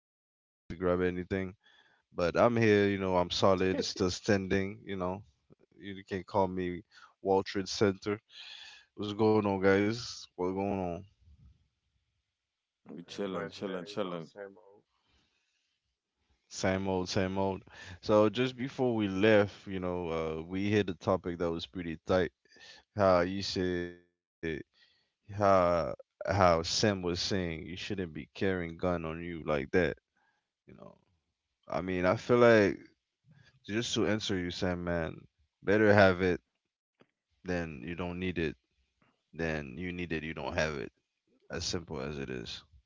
didn't get a chance to grab anything, but I'm here. You know, I'm Pretty solid, still standing. You know, you can call me Wall Trade Center. What's going on, guys? What's going on? We chilling, much, man. chilling, You know, chilling. same old. Same old, same old. So just before we left, you know, we hit a topic that was pretty tight. How you said how how Sam was saying you shouldn't be carrying gun on you like that. You know, I mean, I feel like, just to answer you, Sam, man, better have it than you don't need it than you need it, you don't have it. As simple as it is.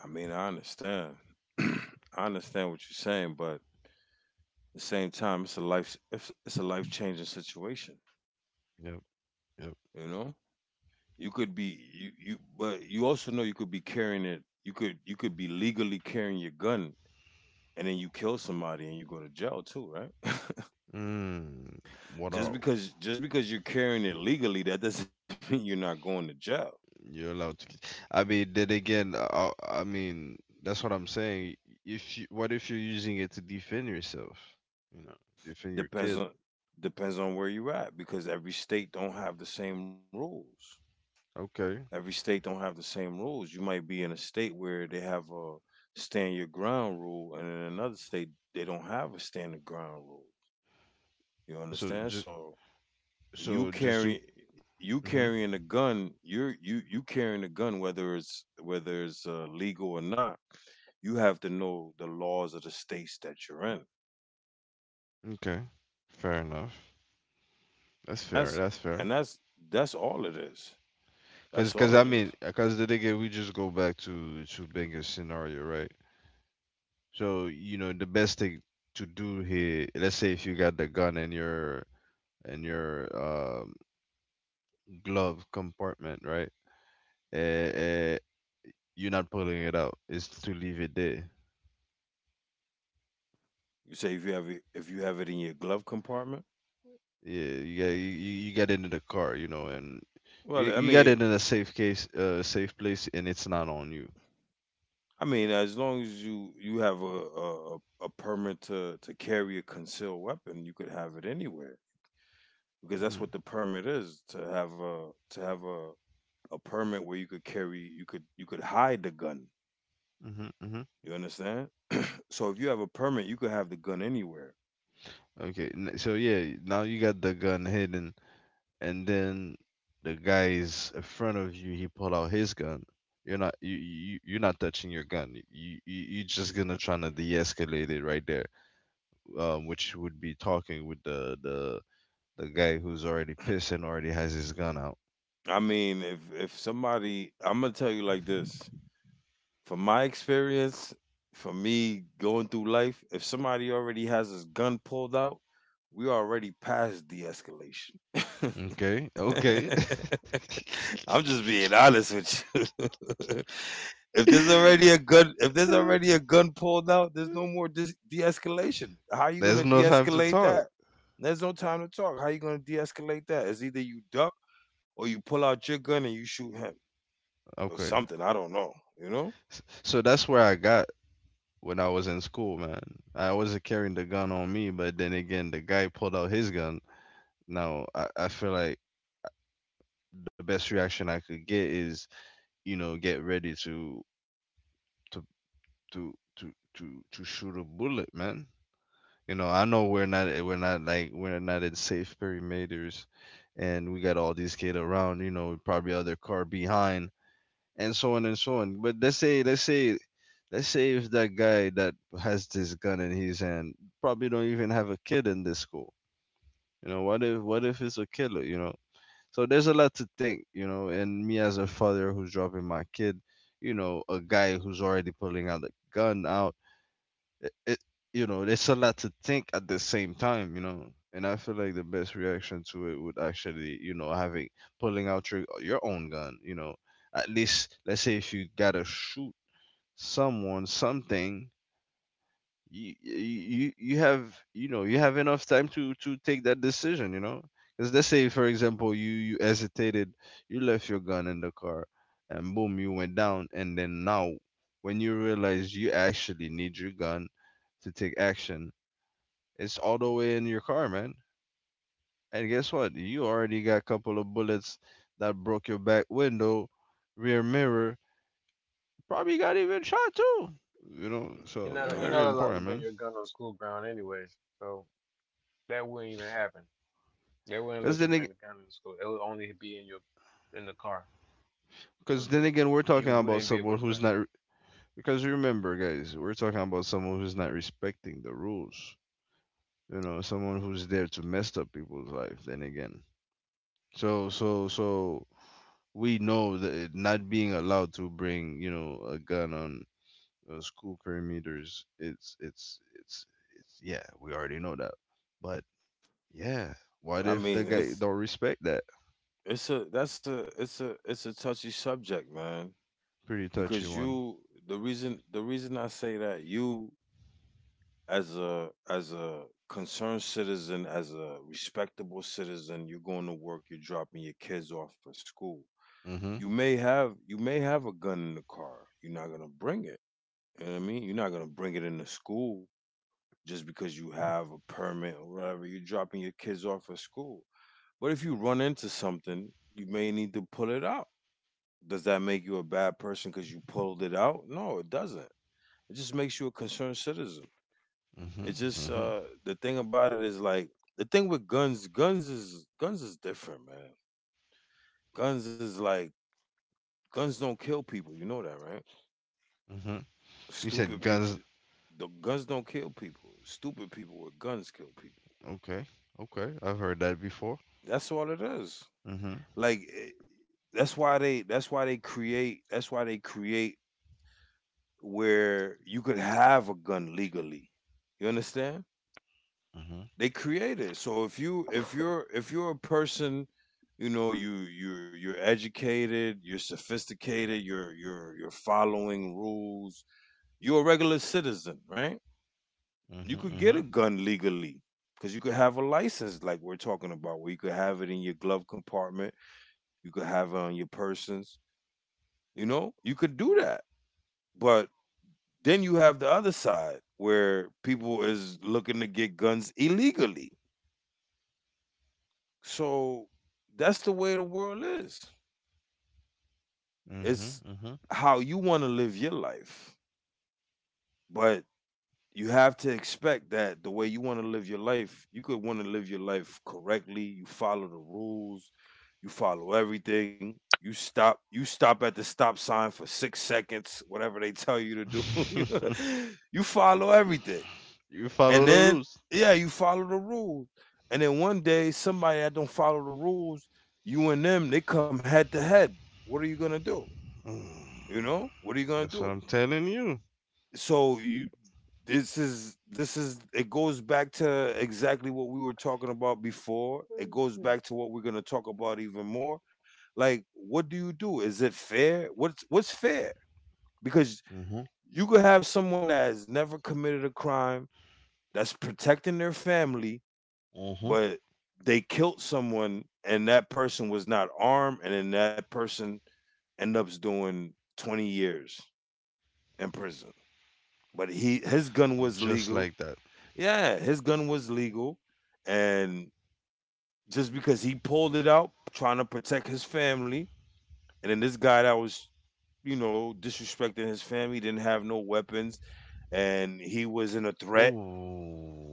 I mean, I understand. I understand what you're saying, but at the same time, it's a life. It's a life changing situation. Yep, You yep. know, you could be you, but you also know you could be carrying it. You could be legally carrying your gun, and then you kill somebody and you go to jail too, right? Mm, what just are because just because you're carrying it legally, that doesn't mean you're not going to jail. you allowed to? I mean, then again, I mean, that's what I'm saying. If you, what if you're using it to defend yourself? You know, defend your Depends kid. on depends on where you're at because every state don't have the same rules. Every Okay. state don't have the same rules. You might be in a state where they have a stand your ground rule, and in another state they don't have a stand your ground rule. You So understand? just, So you so just to. carry you Mm hmm carrying a gun, you carrying a gun whether it's legal or not. You have to know the laws of the states that you're in. Okay. Fair enough. That's fair. That's That's and fair. that's that's all it is. That's Cause, all it cause I is. mean, cause the nigga, we just go back to Benga's scenario, right? So you know, the best thing to do here, let's say if you got the gun in your in your um, glove compartment, right? Uh, you're not pulling it out. It's to leave it there. You say if you have it if you have it in your glove compartment. Yeah, you get you get it in the car, you know, and Well, I you mean, got it in a safe case, safe place, and it's not on you. I mean, as long as you have a permit to carry a concealed weapon, you could have it anywhere because that's what Hmm. the permit is to have a permit where you could hide the gun. Hmm. Hmm. You understand? So if you have a permit, you could have the gun anywhere. Okay, so yeah, now you got the gun hidden, and then the guy is in front of you. He pull out his gun. You're not touching your gun. You're just gonna trying to de-escalate it right there, which would be talking with the guy who's already pissed and already has his gun out. I mean, if somebody, I'm gonna tell you like this. From my experience, for me going through life, if somebody already has his gun pulled out, we already past de-escalation. Okay, okay. I'm just being honest with you. if there's already a gun, if there's already a gun pulled out, there's no more de-escalation. How you gonna There's no time to de-escalate that? talk. There's no time to talk. How you gonna de-escalate that? It's either you duck or you pull out your gun and you shoot him or Okay, something. I don't know. You know? So that's where I got when I was in school, man. I wasn't carrying the gun on me, but then again, the guy pulled out his gun. Now, I feel like the best reaction I could get is, you know, get ready to to shoot a bullet, man. You know, I know we're not like we're not in safe perimeters, and we got all these kids around. You know, probably other car behind, and so on and so on. But let's say if that guy that has this gun in his hand probably don't even have a kid in this school. You know, what if it's a killer? You know, so there's a lot to think, you know, and me as a father who's dropping my kid, you know, a guy who's already pulling out a gun out, it you know, there's a lot to think at the same time, you know. And I feel like the best reaction to it would actually, you know, having pulling out your own gun, you know. At least let's say if you gotta shoot someone, something, you have, you know, you have enough time to take that decision, you know, because let's say for example you hesitated, you left your gun in the car, and boom, you went down, and then now when you realize you actually need your gun to take action, it's all the way in your car, man, and guess what, you already got a couple of bullets that broke your back window, rear mirror, probably got even shot too, you know, so You're not Nah, very allowed to important, bring your man. gun on school ground anyways, so that wouldn't even happen. They wouldn't let you because bring the then gun in school. It would only be in your in the car, so Because then again, we're you talking wouldn't about be able to someone bring who's it. not. Because remember, guys, we're talking about someone who's not respecting the rules. You know, someone who's there to mess up people's life. Then again, so so so we know that it- not being allowed to bring, you know, a gun on school perimeters. It's yeah. We already know that. But yeah, I what mean, if the it's guy don't respect that? it's a that's a it's a it's a touchy subject, man. Pretty Because touchy you one. the reason I say that you as a concerned citizen, as a respectable citizen, you're going to work, you're dropping your kids off at school. Mhm. You may have a gun in the car. You're not gonna bring it. You know what I mean? You're not gonna bring it into school just because you have a permit or whatever. You're dropping your kids off at school. But if you run into something, you may need to pull it out. Does that make you a bad person because you pulled it out? No, it doesn't. It just makes you a concerned citizen. It's Mhm. just Mhm. the thing about it is like the thing with guns, guns is different, man. Guns is like guns don't kill people, you know that, right? Mhm. You Stupid said people guns. The guns don't kill people. Stupid people with guns kill people. Okay. Okay. I've heard that before. That's all it is. Mm-hmm. Like it, that's why they create where you could have a gun legally. You understand? Mm-hmm. They create it. So if you're a person, you know, you're educated, you're sophisticated, you're following rules. You're a regular citizen, right? You could get a Mm-hmm. gun legally because you could have a license, like we're talking about, where you could have it in your glove compartment, you could have it on your persons. You know, you could do that, but then you have the other side where people is looking to get guns illegally. So that's the way the world is. It's Mm-hmm. how you want to live your life. But you have to expect that the way you want to live your life, you could want to live your life correctly. You follow the rules, you follow everything. You stop at the stop sign for 6 seconds, whatever they tell you to do. You know? Mm-hmm. You follow everything. You And follow the then, rules. yeah, you follow the rules. And then one day, somebody that don't follow the rules, you and them, they come head to head. What are you gonna do? Mm. You know, what are you gonna That's do? what I'm telling you. So you, this is it goes back to exactly what we were talking about before. It Oh, goes back shit. to what we're gonna talk about even more. Like, what do you do? Is it fair? What's fair? Because Mm-hmm. you could have someone that has never committed a crime, that's protecting their family, Mm-hmm. but they killed someone and that person was not armed and then that person ended up doing 20 years in prison, but he his gun was Just legal. like that. Yeah, his gun was legal, and just because he pulled it out trying to protect his family, and then this guy that was, you know, disrespecting his family didn't have no weapons, and he wasn't a threat,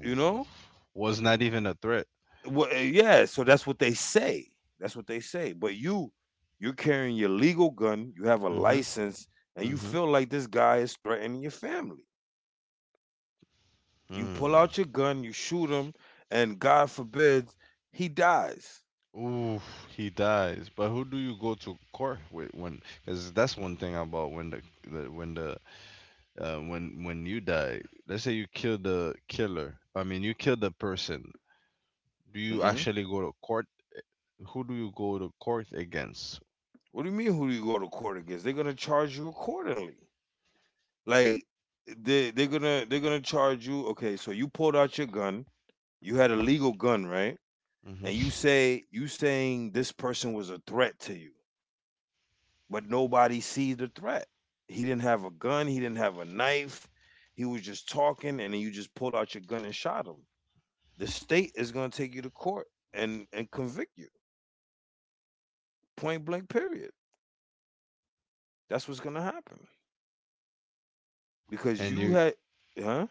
you know. Was not even a threat. Well, yeah, so that's what they say. That's what they say. But you, you're carrying your legal gun, you have a Mm-hmm. license, and you Mm-hmm. feel like this guy is threatening your family. You pull out your Mm. gun, you shoot him, and God forbid he dies. Ooh, he dies. But who do you go to court with when? Because that's one thing about when the when you die, let's say you kill the killer, I mean you kill the person, do you Hmm. actually go to court, who do you go to court against? What do you mean? Who do you go to court against? They're gonna charge you accordingly. Like they're gonna they're gonna charge you. Okay, so you pulled out your gun. You had a Hmm. legal gun, right? And Hmm. You saying this person was a threat to you but nobody sees the threat. He didn't have a gun, he didn't have a knife. He was just talking and then you just pulled out your gun and shot him. The state is going to take you to court and convict you. Point blank period. That's what's going to happen because and you you had huh?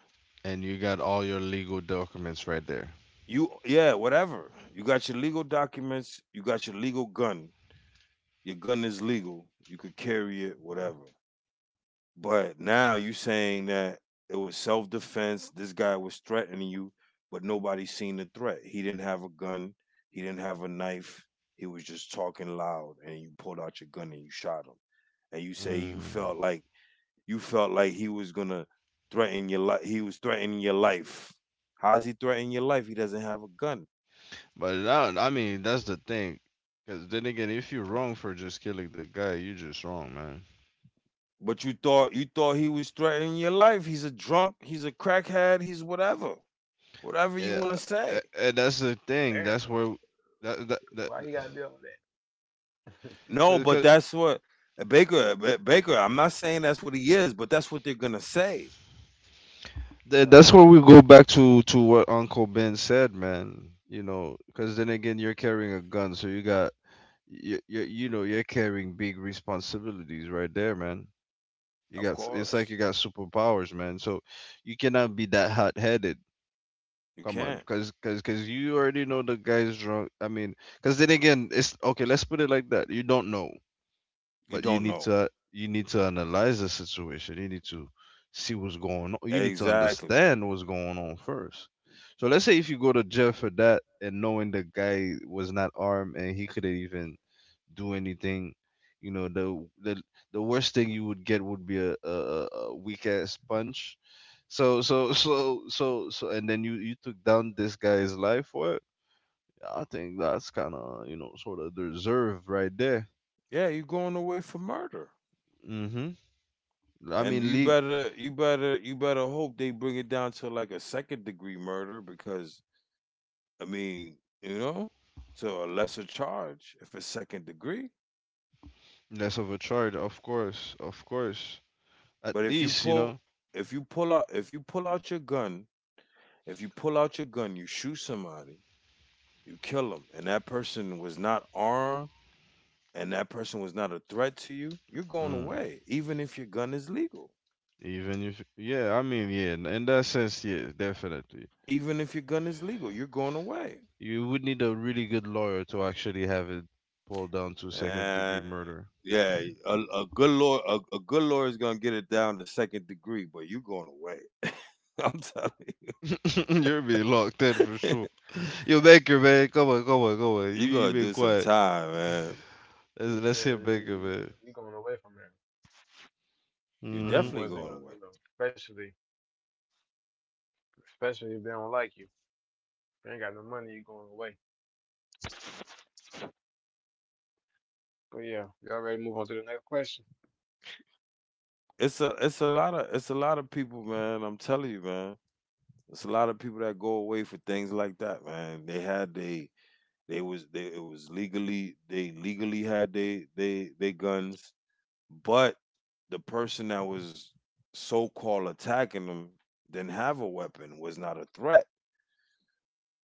and you got all your legal documents right there. You yeah, whatever. You got your legal documents, you got your legal gun. Your gun is legal. You could carry it, whatever. But now you saying that it was self defense. This guy was threatening you, but nobody seen the threat. He didn't have a gun. He didn't have a knife. He was just talking loud, and you pulled out your gun and you shot him. And you say Mm. You felt like he was gonna threaten your life. He was threatening your life. How's he threatening your life? He doesn't have a gun. But I mean that's the thing, because then again if you're wrong for just killing the guy, you're just wrong, man. But you thought he was threatening your life. He's a drunk. He's a crackhead. He's whatever. Whatever you Yeah, want to say. And that's the thing, that's Damn, where that, that, that, why you gotta be all that? No, but because that's what Baker. I'm not saying that's what he is, but that's what they're gonna say. That's where Right, we go back to what Uncle Ben said, man. You know, because then again, you're carrying a gun, so you got you know you're carrying big responsibilities right there, man. You Of got, it's like course, you got superpowers, man. So you cannot be that hot headed. you Come on, can't. because cause you already know the guy's drunk. I mean, cause then again, it's okay. Let's put it like that. You don't know, You but don't know you need to analyze the situation, you need to see what's going on, you need to exactly. understand what's going on first. So let's say if you go to jail for that and knowing the guy was not armed and he couldn't even do anything, you know, the worst thing you would get would be a weak ass punch. And then you took down this guy's life for it. I think that's kind of, you know, sort of deserved right there. Yeah, you're going away for murder, Hmm. I and mean, le- you better hope they bring it down to like a second degree murder because I mean, you know, to a lesser charge if it's second degree. less of a charge, of course, of course. At But least, you know. If you pull out your gun, if you pull out your gun, you shoot somebody, you kill them, and that person was not armed and that person was not a threat to you, you're going Mm. away. Even if your gun is legal, Even if, yeah, I mean, yeah, in that sense, yeah, definitely. You're going away. You would need a really good lawyer to actually have it pulled down to second degree And murder. yeah, a good lawyer, a good lawyer is gonna get it down to second degree, but you're going away. I'm telling You're being locked in for you, sure. Yo, Baker, man, come on, come on, come on. You, you're you gonna been do some quiet. time, man. Right. Let's hear Yeah, you Baker, you man. you going away from there. You're You know them Hmm. definitely boys ain't going gonna, away. you know, especially especially if they don't like you. If they ain't got no money, you going away. But yeah, you all already move on to the next question. It's a lot of people, man. I'm telling you, man. It's a lot of people that go away for things like that, man. They had their They was they it was legally they legally had they they guns, but the person that was so called attacking them didn't have a weapon, was not a threat.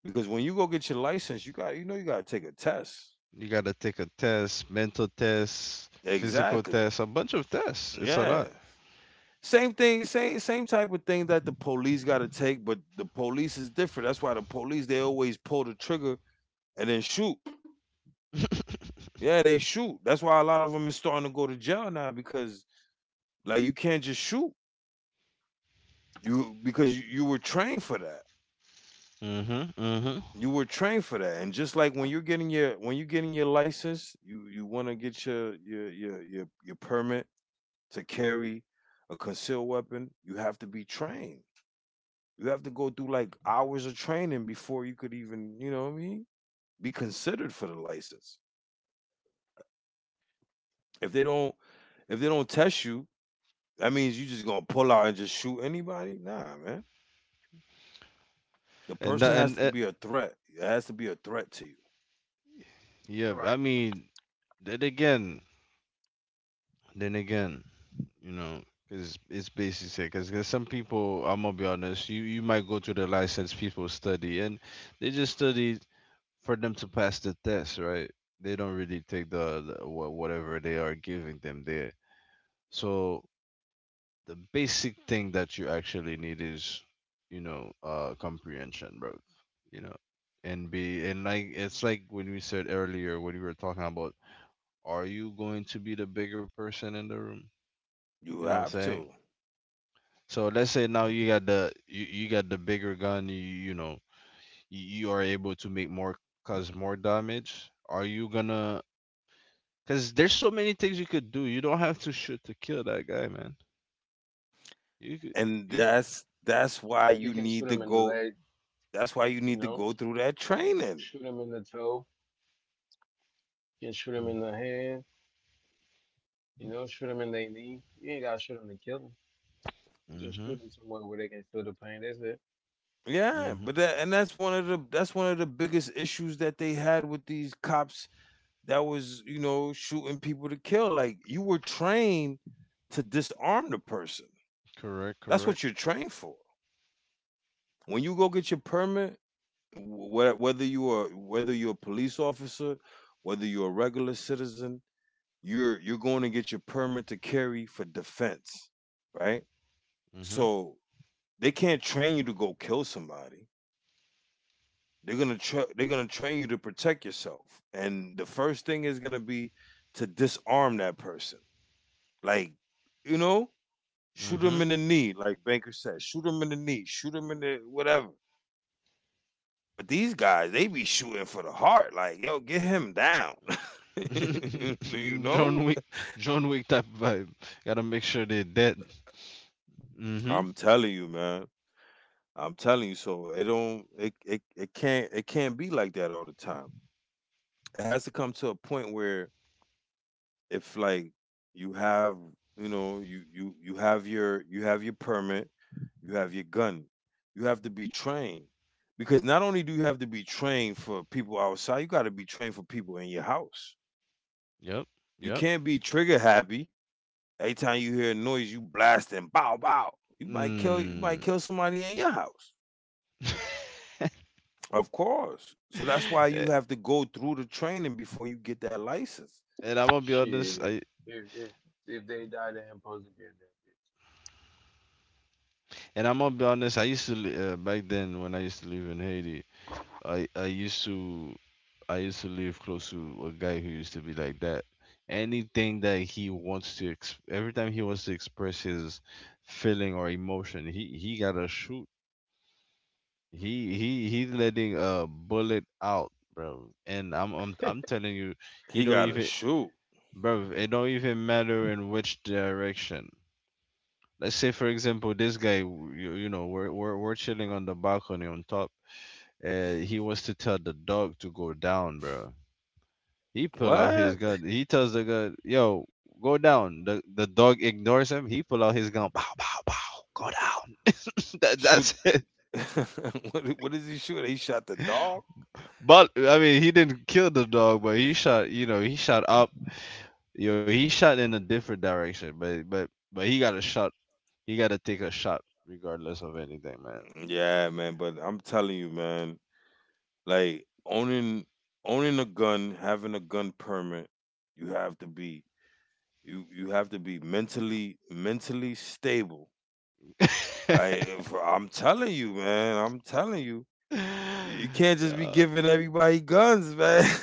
Because when you go get your license, you got you got to take a test. You gotta take a test, mental test, physical Exactly. test, a bunch of tests. It's a Yeah. lot. Same thing, same type of thing that the police got to take, but the police is different. That's why the police they always pull the trigger and then shoot. Yeah, they shoot. That's why a lot of them is starting to go to jail now because like you can't just shoot. You because you were trained for that. Mm-hmm. Mm-hmm. You were trained for that. And just like when you're getting your license, you want to get your your permit to carry a concealed weapon, you have to be trained. You have to go through like hours of training before you could even, you know what I mean, be considered for the license. If they don't if they don't test you, that means you just gonna pull out and just shoot anybody? Nah, man. The And tha- person has and to be a threat. It has to be a threat to you. yeah, All I right. mean, then again, then again, you know, because it's basically because there's some people, I'm gonna be honest, you might go to the license people study and they just study for them to pass the test, right? They don't really take whatever they are giving them there. So the basic thing that you actually need is, you know, comprehension, bro. You know, and be and like it's like when we said earlier when we were talking about, are you going to be the bigger person in the room? You You know what I'm have saying? to. So let's say now you got the you got the bigger gun, you know, you are able to make more, cause more damage. Are you gonna, cause there's so many things you could do. You don't have to shoot to kill that guy, man. You could, And you— that's why You you can shoot need to him in the go leg. that's why you You need to know, go through that training. shoot them in the toe, you can shoot them in the hand, you know, shoot them in their knee. You ain't gotta shoot them to kill them. Just Mm-hmm. shoot them somewhere where they can feel the pain. That's it. yeah Mm-hmm. but that and that's one of the biggest issues that they had with these cops that was, shooting people to kill, like you were trained to disarm the person. Correct, That's correct. what you're trained for when you go get your permit, whether you're a police officer, whether you're a regular citizen. You're going to get your permit to carry for defense, right? Mm-hmm. So they can't train you to go kill somebody. They're gonna train you to protect yourself, and the first thing is gonna be to disarm that person. Like, you know, shoot Mm-hmm. him in the knee, like Banker said. Shoot him in the knee. Shoot him in the whatever. But these guys, they be shooting for the heart. Like, yo, get him down. you John know, Wick, John Wick type vibe. Gotta make sure they're dead. Mm-hmm. I'm telling you, man. I'm telling you. So it can't be like that all the time. It has to come to a point where, if, like, you have you know you you you have your permit, you have your gun, you have to be trained, because not only do you have to be trained for people outside, you got to be trained for people in your house. Yep. You Yep. can't be trigger happy. Every time you hear a noise, you blast, and bow bow, you might kill you Mm. might kill somebody in your house. Of course. So that's why you have to go through the training before you get that license. And I'm gonna be honest, Shit. I If if, if they die, they supposed to get and I'm gonna be honest. I used to back then when I used to live in Haiti. I used to, I used to live close to a guy who used to be like that. Anything that he wants to every time he wants to express his feeling or emotion, he gotta shoot. He's letting a bullet out, bro. And a dead I'm bitch. telling you, he He don't got to even, shoot. bro, it don't even matter in which direction. Let's say for example this guy you, you know, we're chilling on the balcony on top, and he wants to tell the dog to go down, bro. He pull out What? his gun, he tells the gun, yo, go down. The the dog ignores him, he pull out his gun, pow pow pow, go down. Shoot. That's it. What is he shooting? He shot the dog? But I mean he didn't kill the dog, but he shot, you know, he shot up. Yo, he shot in a different direction, but he got a shot, he got to take a shot regardless of anything, man. Yeah, man, but I'm telling you, man, like owning a gun, having a gun permit, you have to be you you have to be mentally stable. Like, if, I'm telling you, man, I'm telling you, you can't just Yeah. be giving everybody guns, man.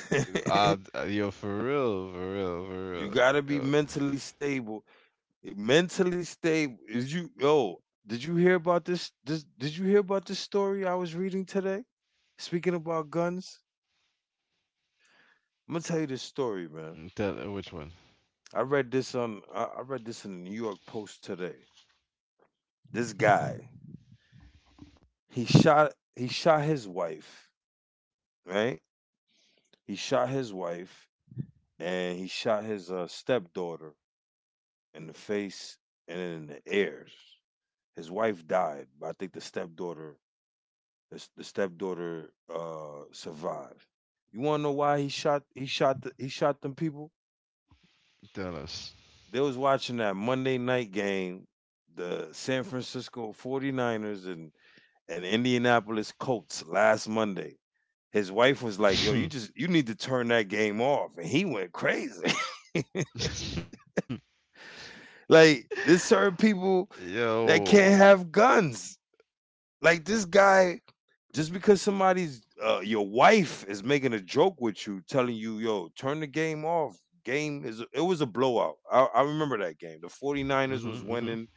Yo, for real, for real, for real. You gotta Yo, be mentally stable. Mentally stable is you. Yo, did you hear about this? Did you hear about this story I was reading today? Speaking about guns. I'm gonna tell you this story, man. tell which one? I read this in the New York Post today. This guy, he shot his wife, right? He shot his wife, and he shot his stepdaughter in the face and in the ear. His wife died, but I think the stepdaughter, the stepdaughter survived. You want to know why he shot them people? Tell us. They was watching that Monday night game, the San Francisco Forty ers and Indianapolis Colts, last Monday. His wife was like, "Yo, you need to turn that game off," and he went crazy. Like, there's certain people that Yo. can't have guns. Like this guy, just because somebody's your wife is making a joke with you, telling you, "Yo, turn the game off." Game is it was a blowout. I remember that game. The 49ers Mhm, was mhm. winning.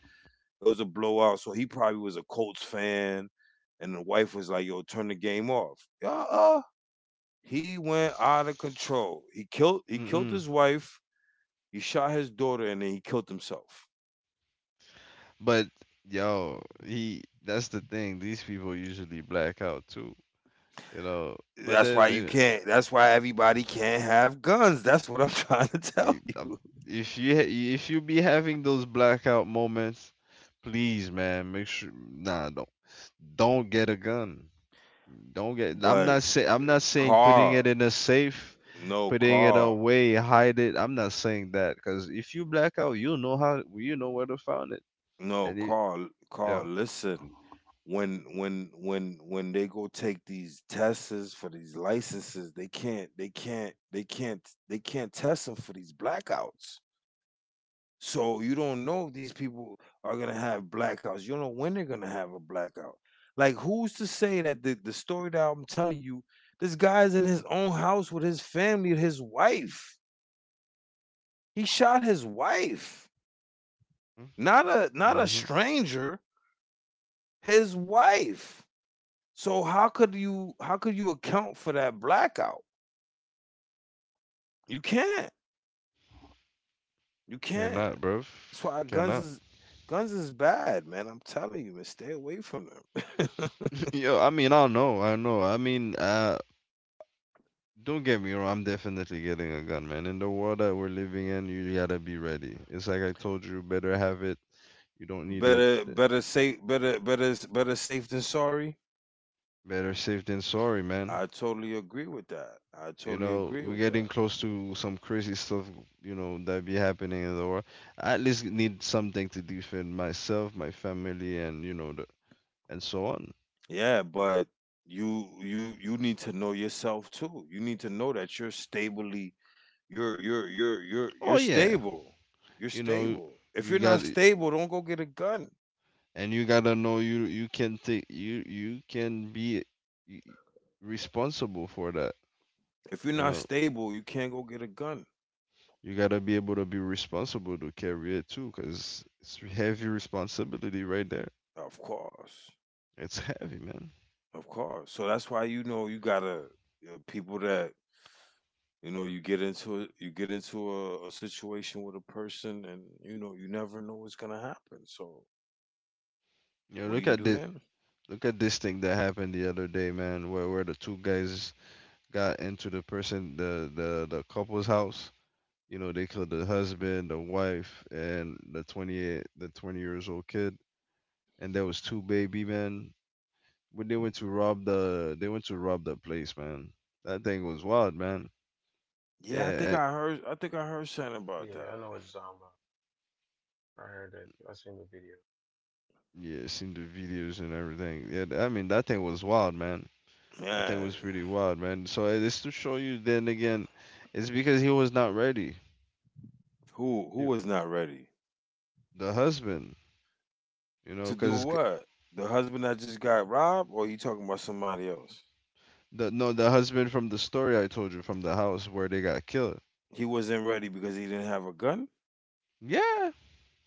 It was a blowout, so he probably was a Colts fan, and the wife was like, "Yo, turn the game off." He went out of control. He killed Mm-mm. his wife, he shot his daughter, and then he killed himself. But yo, he. That's the thing. These people usually black out too, you know. But That's why everybody can't have guns. That's what I'm trying to i- tell um, you. if if you be having those blackout moments, please, man, make sure. Nah, don't get a gun. Don't get. I'm But, not saying. I'm not saying putting it Carl, in a safe, no putting it Carl, away, hide it. I'm not saying that because if you black out, you know how. You know where to find it. no And it. Carl, Carl, Yeah. listen. When they go take these tests for these licenses, they can't test them for these blackouts. So you don't know if these people are gonna have blackouts. You don't know when they're gonna have a blackout. Like, who's to say that the, story that I'm telling you, this guy's in his own house with his family, his wife. He shot his wife. Not a Mm-hmm. stranger, his wife. So how could you account for that blackout? You can't. You can't. Cannot, bro. That's why guns Cannot. is guns is bad, man. I'm telling you, man. Stay away from them. Yo, I mean, I know, I know. Don't get me wrong. I'm definitely getting a gun, man. In the world that we're living in, you gotta be ready. It's like I told you, better have it. You don't need it. Better, better safe, better, better, better safe than sorry. Better safe than sorry, man. I totally agree with that. I You totally know, agree we're with getting that. close to some crazy stuff, you know, that be happening in the world. I at least need something to defend myself, my family, and you know, the, and so on. Yeah, You but you need to know yourself too. You need to know that you're stably, you're, you're, you're, you're, know. Oh you're yeah, stable. You're you know, stable. If you you're got not stable, don't go get a gun. and you gotta know you can take you can be y- responsible for that. If you're You not know, stable, you can't go get a gun. you gotta be able to be responsible to carry it too, cause it's heavy responsibility right there. Of course, It's heavy, man. of course. So that's why, you gotta, people that... You get into it, you get into a situation with a person, and, you never know what's gonna happen. So, You what know, do look you at do this. then? Look at this thing that happened the other day, man, where the two guys got into the person the couple's house. You know, they killed the husband, the wife, and the 20 years old kid, and there was two baby men. When they went to rob the, they went to rob the place, man. That thing was wild, man. Yeah, Yeah, eh, I think I heard something about Yeah, I that. know what you're talking about. I heard that. I seen the video. yeah, seen the videos and everything. Yeah, I mean that thing was wild, man. That thing was Man, pretty wild, man. So eh, it's to show you then again, it's because he was not ready. who He, was not ready the husband, you know, to do because what? The husband that just got robbed, or you talking about somebody else? the no, the husband from the story I told you from the house where they got killed. He wasn't ready because he didn't have a gun. Yeah,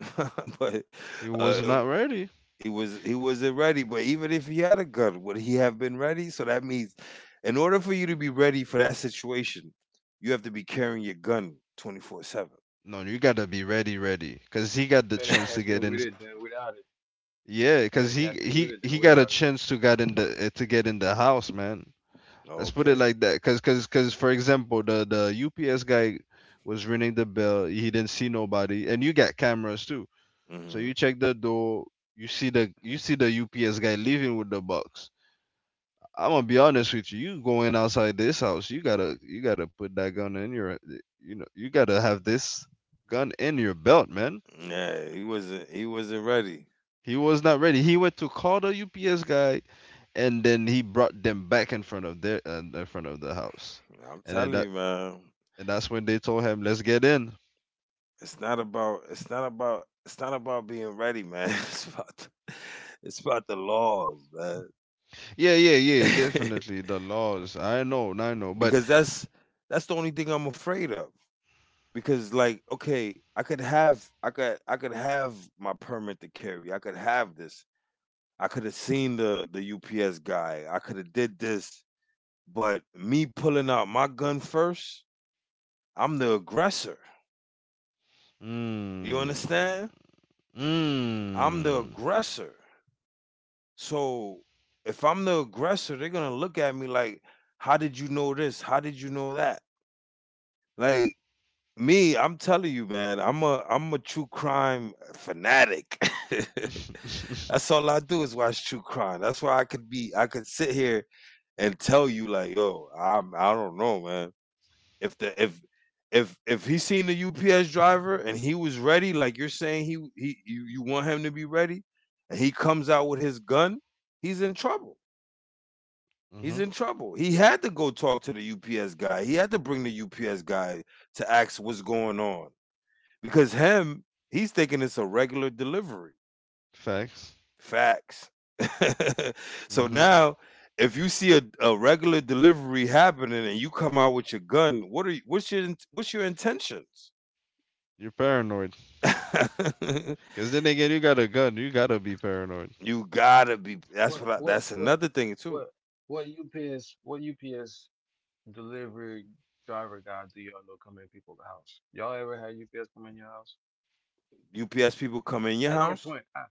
But, he was uh, not ready. he wasn't ready. But even if he had a gun, would he have been ready? So that means, in order for you to be ready for that situation, you have to be carrying your gun 24/7. No, you gotta be ready, ready, because he got the Better chance to catch get me in. with it than without it. Yeah, because Better he catch me he with it he than got a without it. chance to get in to get in the house, man. Let's put it Okay. like that, because because for example, the UPS guy was ringing the bell. He didn't see nobody, and you got cameras too. So Hmm. you check the door. You see the, the UPS guy leaving with the box. I'm gonna be honest with you. You going outside this house, you gotta put that gun in your, you know, you gotta have this gun in your belt, man. Yeah, he wasn't ready. He was not ready. He went to call the UPS guy, and then he brought them back in front of their in front of the house, I'm and then telling that you, man. and that's when they told him, "Let's get in." It's not about it's not about it's not about being ready, man. It's about the laws, man. Yeah, yeah, yeah, definitely the laws. I know, but Because that's the only thing I'm afraid of. Because, like, okay, I could have my permit to carry. I could have this. I could have seen the UPS guy. I could have did this, but me pulling out my gun first, I'm the aggressor. You mm, understand? I'm the mm, aggressor. So if I'm the aggressor, they're gonna look at me like, how did you know this? How did you know that? Like, me, I'm telling you, man, I'm a true crime fanatic. That's all I do is watch true crime. That's why I could sit here and tell you like, yo, I'm I don't know, man. If the if if he seen the UPS driver and he was ready, like you're saying, he you want him to be ready, and he comes out with his gun, he's in trouble. mm-hmm, He's in trouble. He had to go talk to the UPS guy. He had to bring the UPS guy to ask what's going on. Because him, he's thinking it's a regular delivery. facts. Facts. So Mm-hmm. now, if you see a regular delivery happening and you come out with your gun, what's your intentions? You're paranoid. Cause then again, you got a gun, you gotta be paranoid. You gotta be. That's What what. What That's what another thing too. what what UPS delivery driver guy do y'all know come in people's house? Y'all ever had UPS come in your house? UPS people come in your At that house. point, I,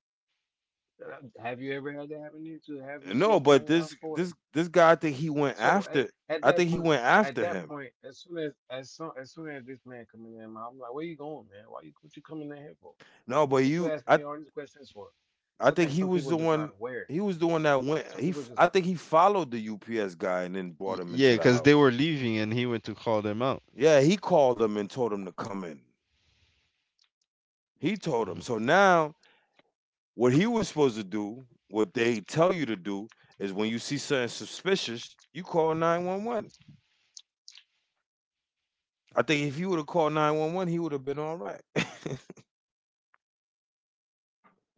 I- have you ever had that happen to you to have a No, UPS come in but your house this for it? this this guy, I think he went So at, after. at I that think he point, went at after that him. point, as soon as this man come in there, man, I'm like, where you going, man? Why you what you coming in here for? No, but What you you. asking I me all these questions for? I So I think think he some was people the are just not one. aware. He was the one that went. Some people just I think he followed the UPS guy and then brought him into Yeah, the cause they house. were leaving and he went to call them out. Yeah, he called him and told him to come in. He told him. Mm-hmm. So now, what he was supposed to do, what they tell you to do, is when you see something suspicious, you call 911. I think if you would have called 911, he would have been all right.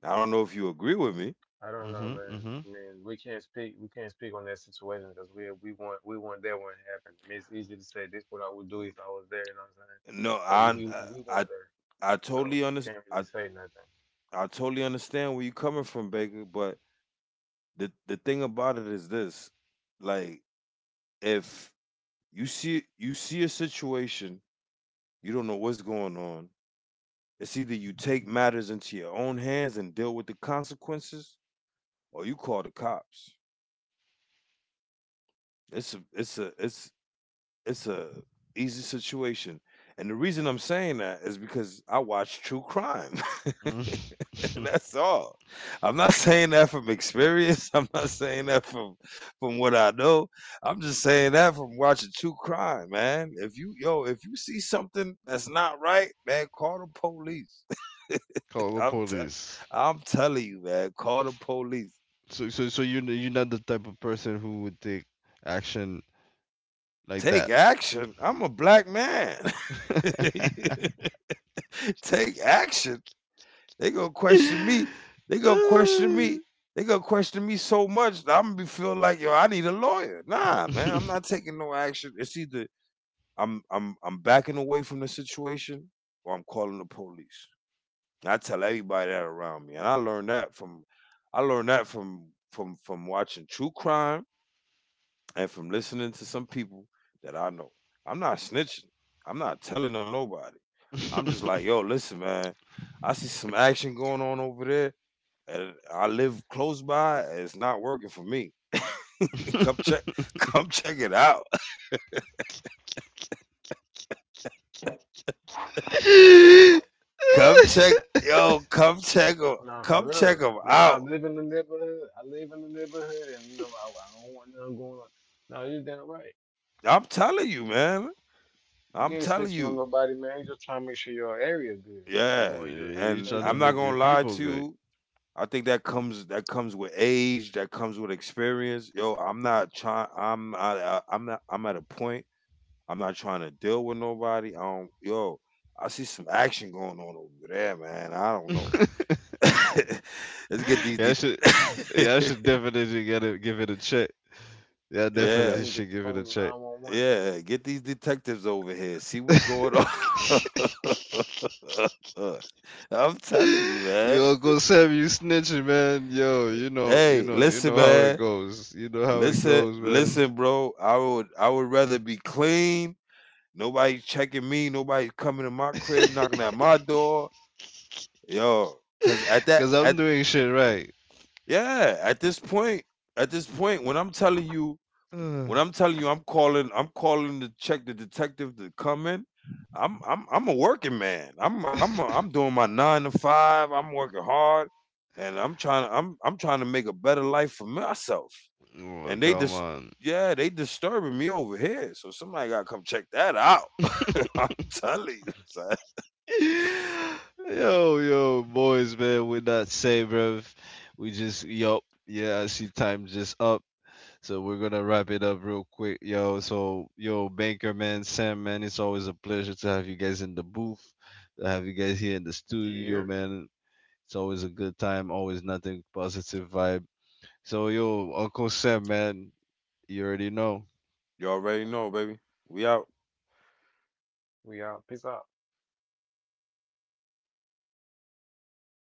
I don't know if you agree with me. I don't know, man. Mm-hmm. I mean, we can't speak. We can't speak on that situation because we want that one to happen. I mean, it's easy to say this what I would do if I was there. You know what I'm saying? No, So you Mm-hmm. we I, weren't there, I so totally under. can't I, really say nothing. I totally understand where you're coming from, Baker, but the thing about it is this, like, if you see a situation, you don't know what's going on. It's either you take matters into your own hands and deal with the consequences, or you call the cops. It's a it's a it's it's a easy situation, and the reason I'm saying that is because I watch true crime. Mm-hmm. That's all. I'm not saying that from experience. I'm not saying that from what I know. I'm just saying that from watching true crime, man. If you yo, if you see something that's not right, man, call the police. Call the I'm t- police. I'm telling you, man, call the police. So, so, so you you're not the type of person who would take action like Take that. action. I'm a black man. Take action. They gonna question me. They gonna question me. They gonna question me so much that I'm gonna be feel like, yo, I need a lawyer. Nah, man, I'm not taking no action. It's either I'm backing away from the situation, or I'm calling the police. I tell everybody that around me, and I learned that from watching true crime and from listening to some people that I know. I'm not snitching. I'm not telling on nobody. I'm just like, yo, listen, man. I see some action going on over there, and I live close by. It's not working for me. come check, come check it out. Come check, yo, Nah, for come check real. them I mean, I out. live in the neighborhood. I live in the neighborhood, and you know, I don't want nothing going on. No, you're damn right. I'm telling you, man. I'm You ain't telling snitching on you, nobody, man. You just trying to make sure your area good yeah. or your You And trying place to you I'm not make live your gonna in is lie people to good. good. you. I think that comes with age. That comes with experience. Yo, I'm not trying. I'm not. I'm at a point. I'm not trying to deal with nobody. Yo, I see some action going on over there, man. I don't know. yeah, Let's get these I de- should, yeah, I should definitely give it a check. Yeah, But I say Yeah. I'm definitely gonna get should the give it a phone check. 911. Yeah, get these detectives over here. See what's going on. I'm telling you, man. Yo, Uncle Sam, you snitching, man. Yo, you know, you Hey, know, you listen, know how it man. goes. You know how it Listen, goes, man. listen, bro. I would rather be clean. Nobody's checking me. Nobody's coming to my crib, knocking at my door. Yo, cause at that Cause I'm at doing shit right. yeah, at this point, at this point, when I'm telling you Oh, when I'm telling you, I'm calling. I'm calling to check the detective to come in. I'm a working man. I'm am I I'm doing my 9 to 5. I'm working hard, and I'm trying to make a better life for myself. And they come just, on. yeah, they disturbing me over here. So somebody gotta come check that out. I'm telling you, son. Yo, yo, boys, man, we're not safe, bruv. We just, yo, yeah, I see time just up. So we're gonna wrap it up real quick, yo. So yo, Banker man, Sam man, it's always a pleasure to have you guys in the booth, to have you guys here in the studio, Yeah, man. It's always a good time, always nothing positive vibe. So yo, Uncle Sam man, you already know. You already know, baby. We out. we out. Peace out.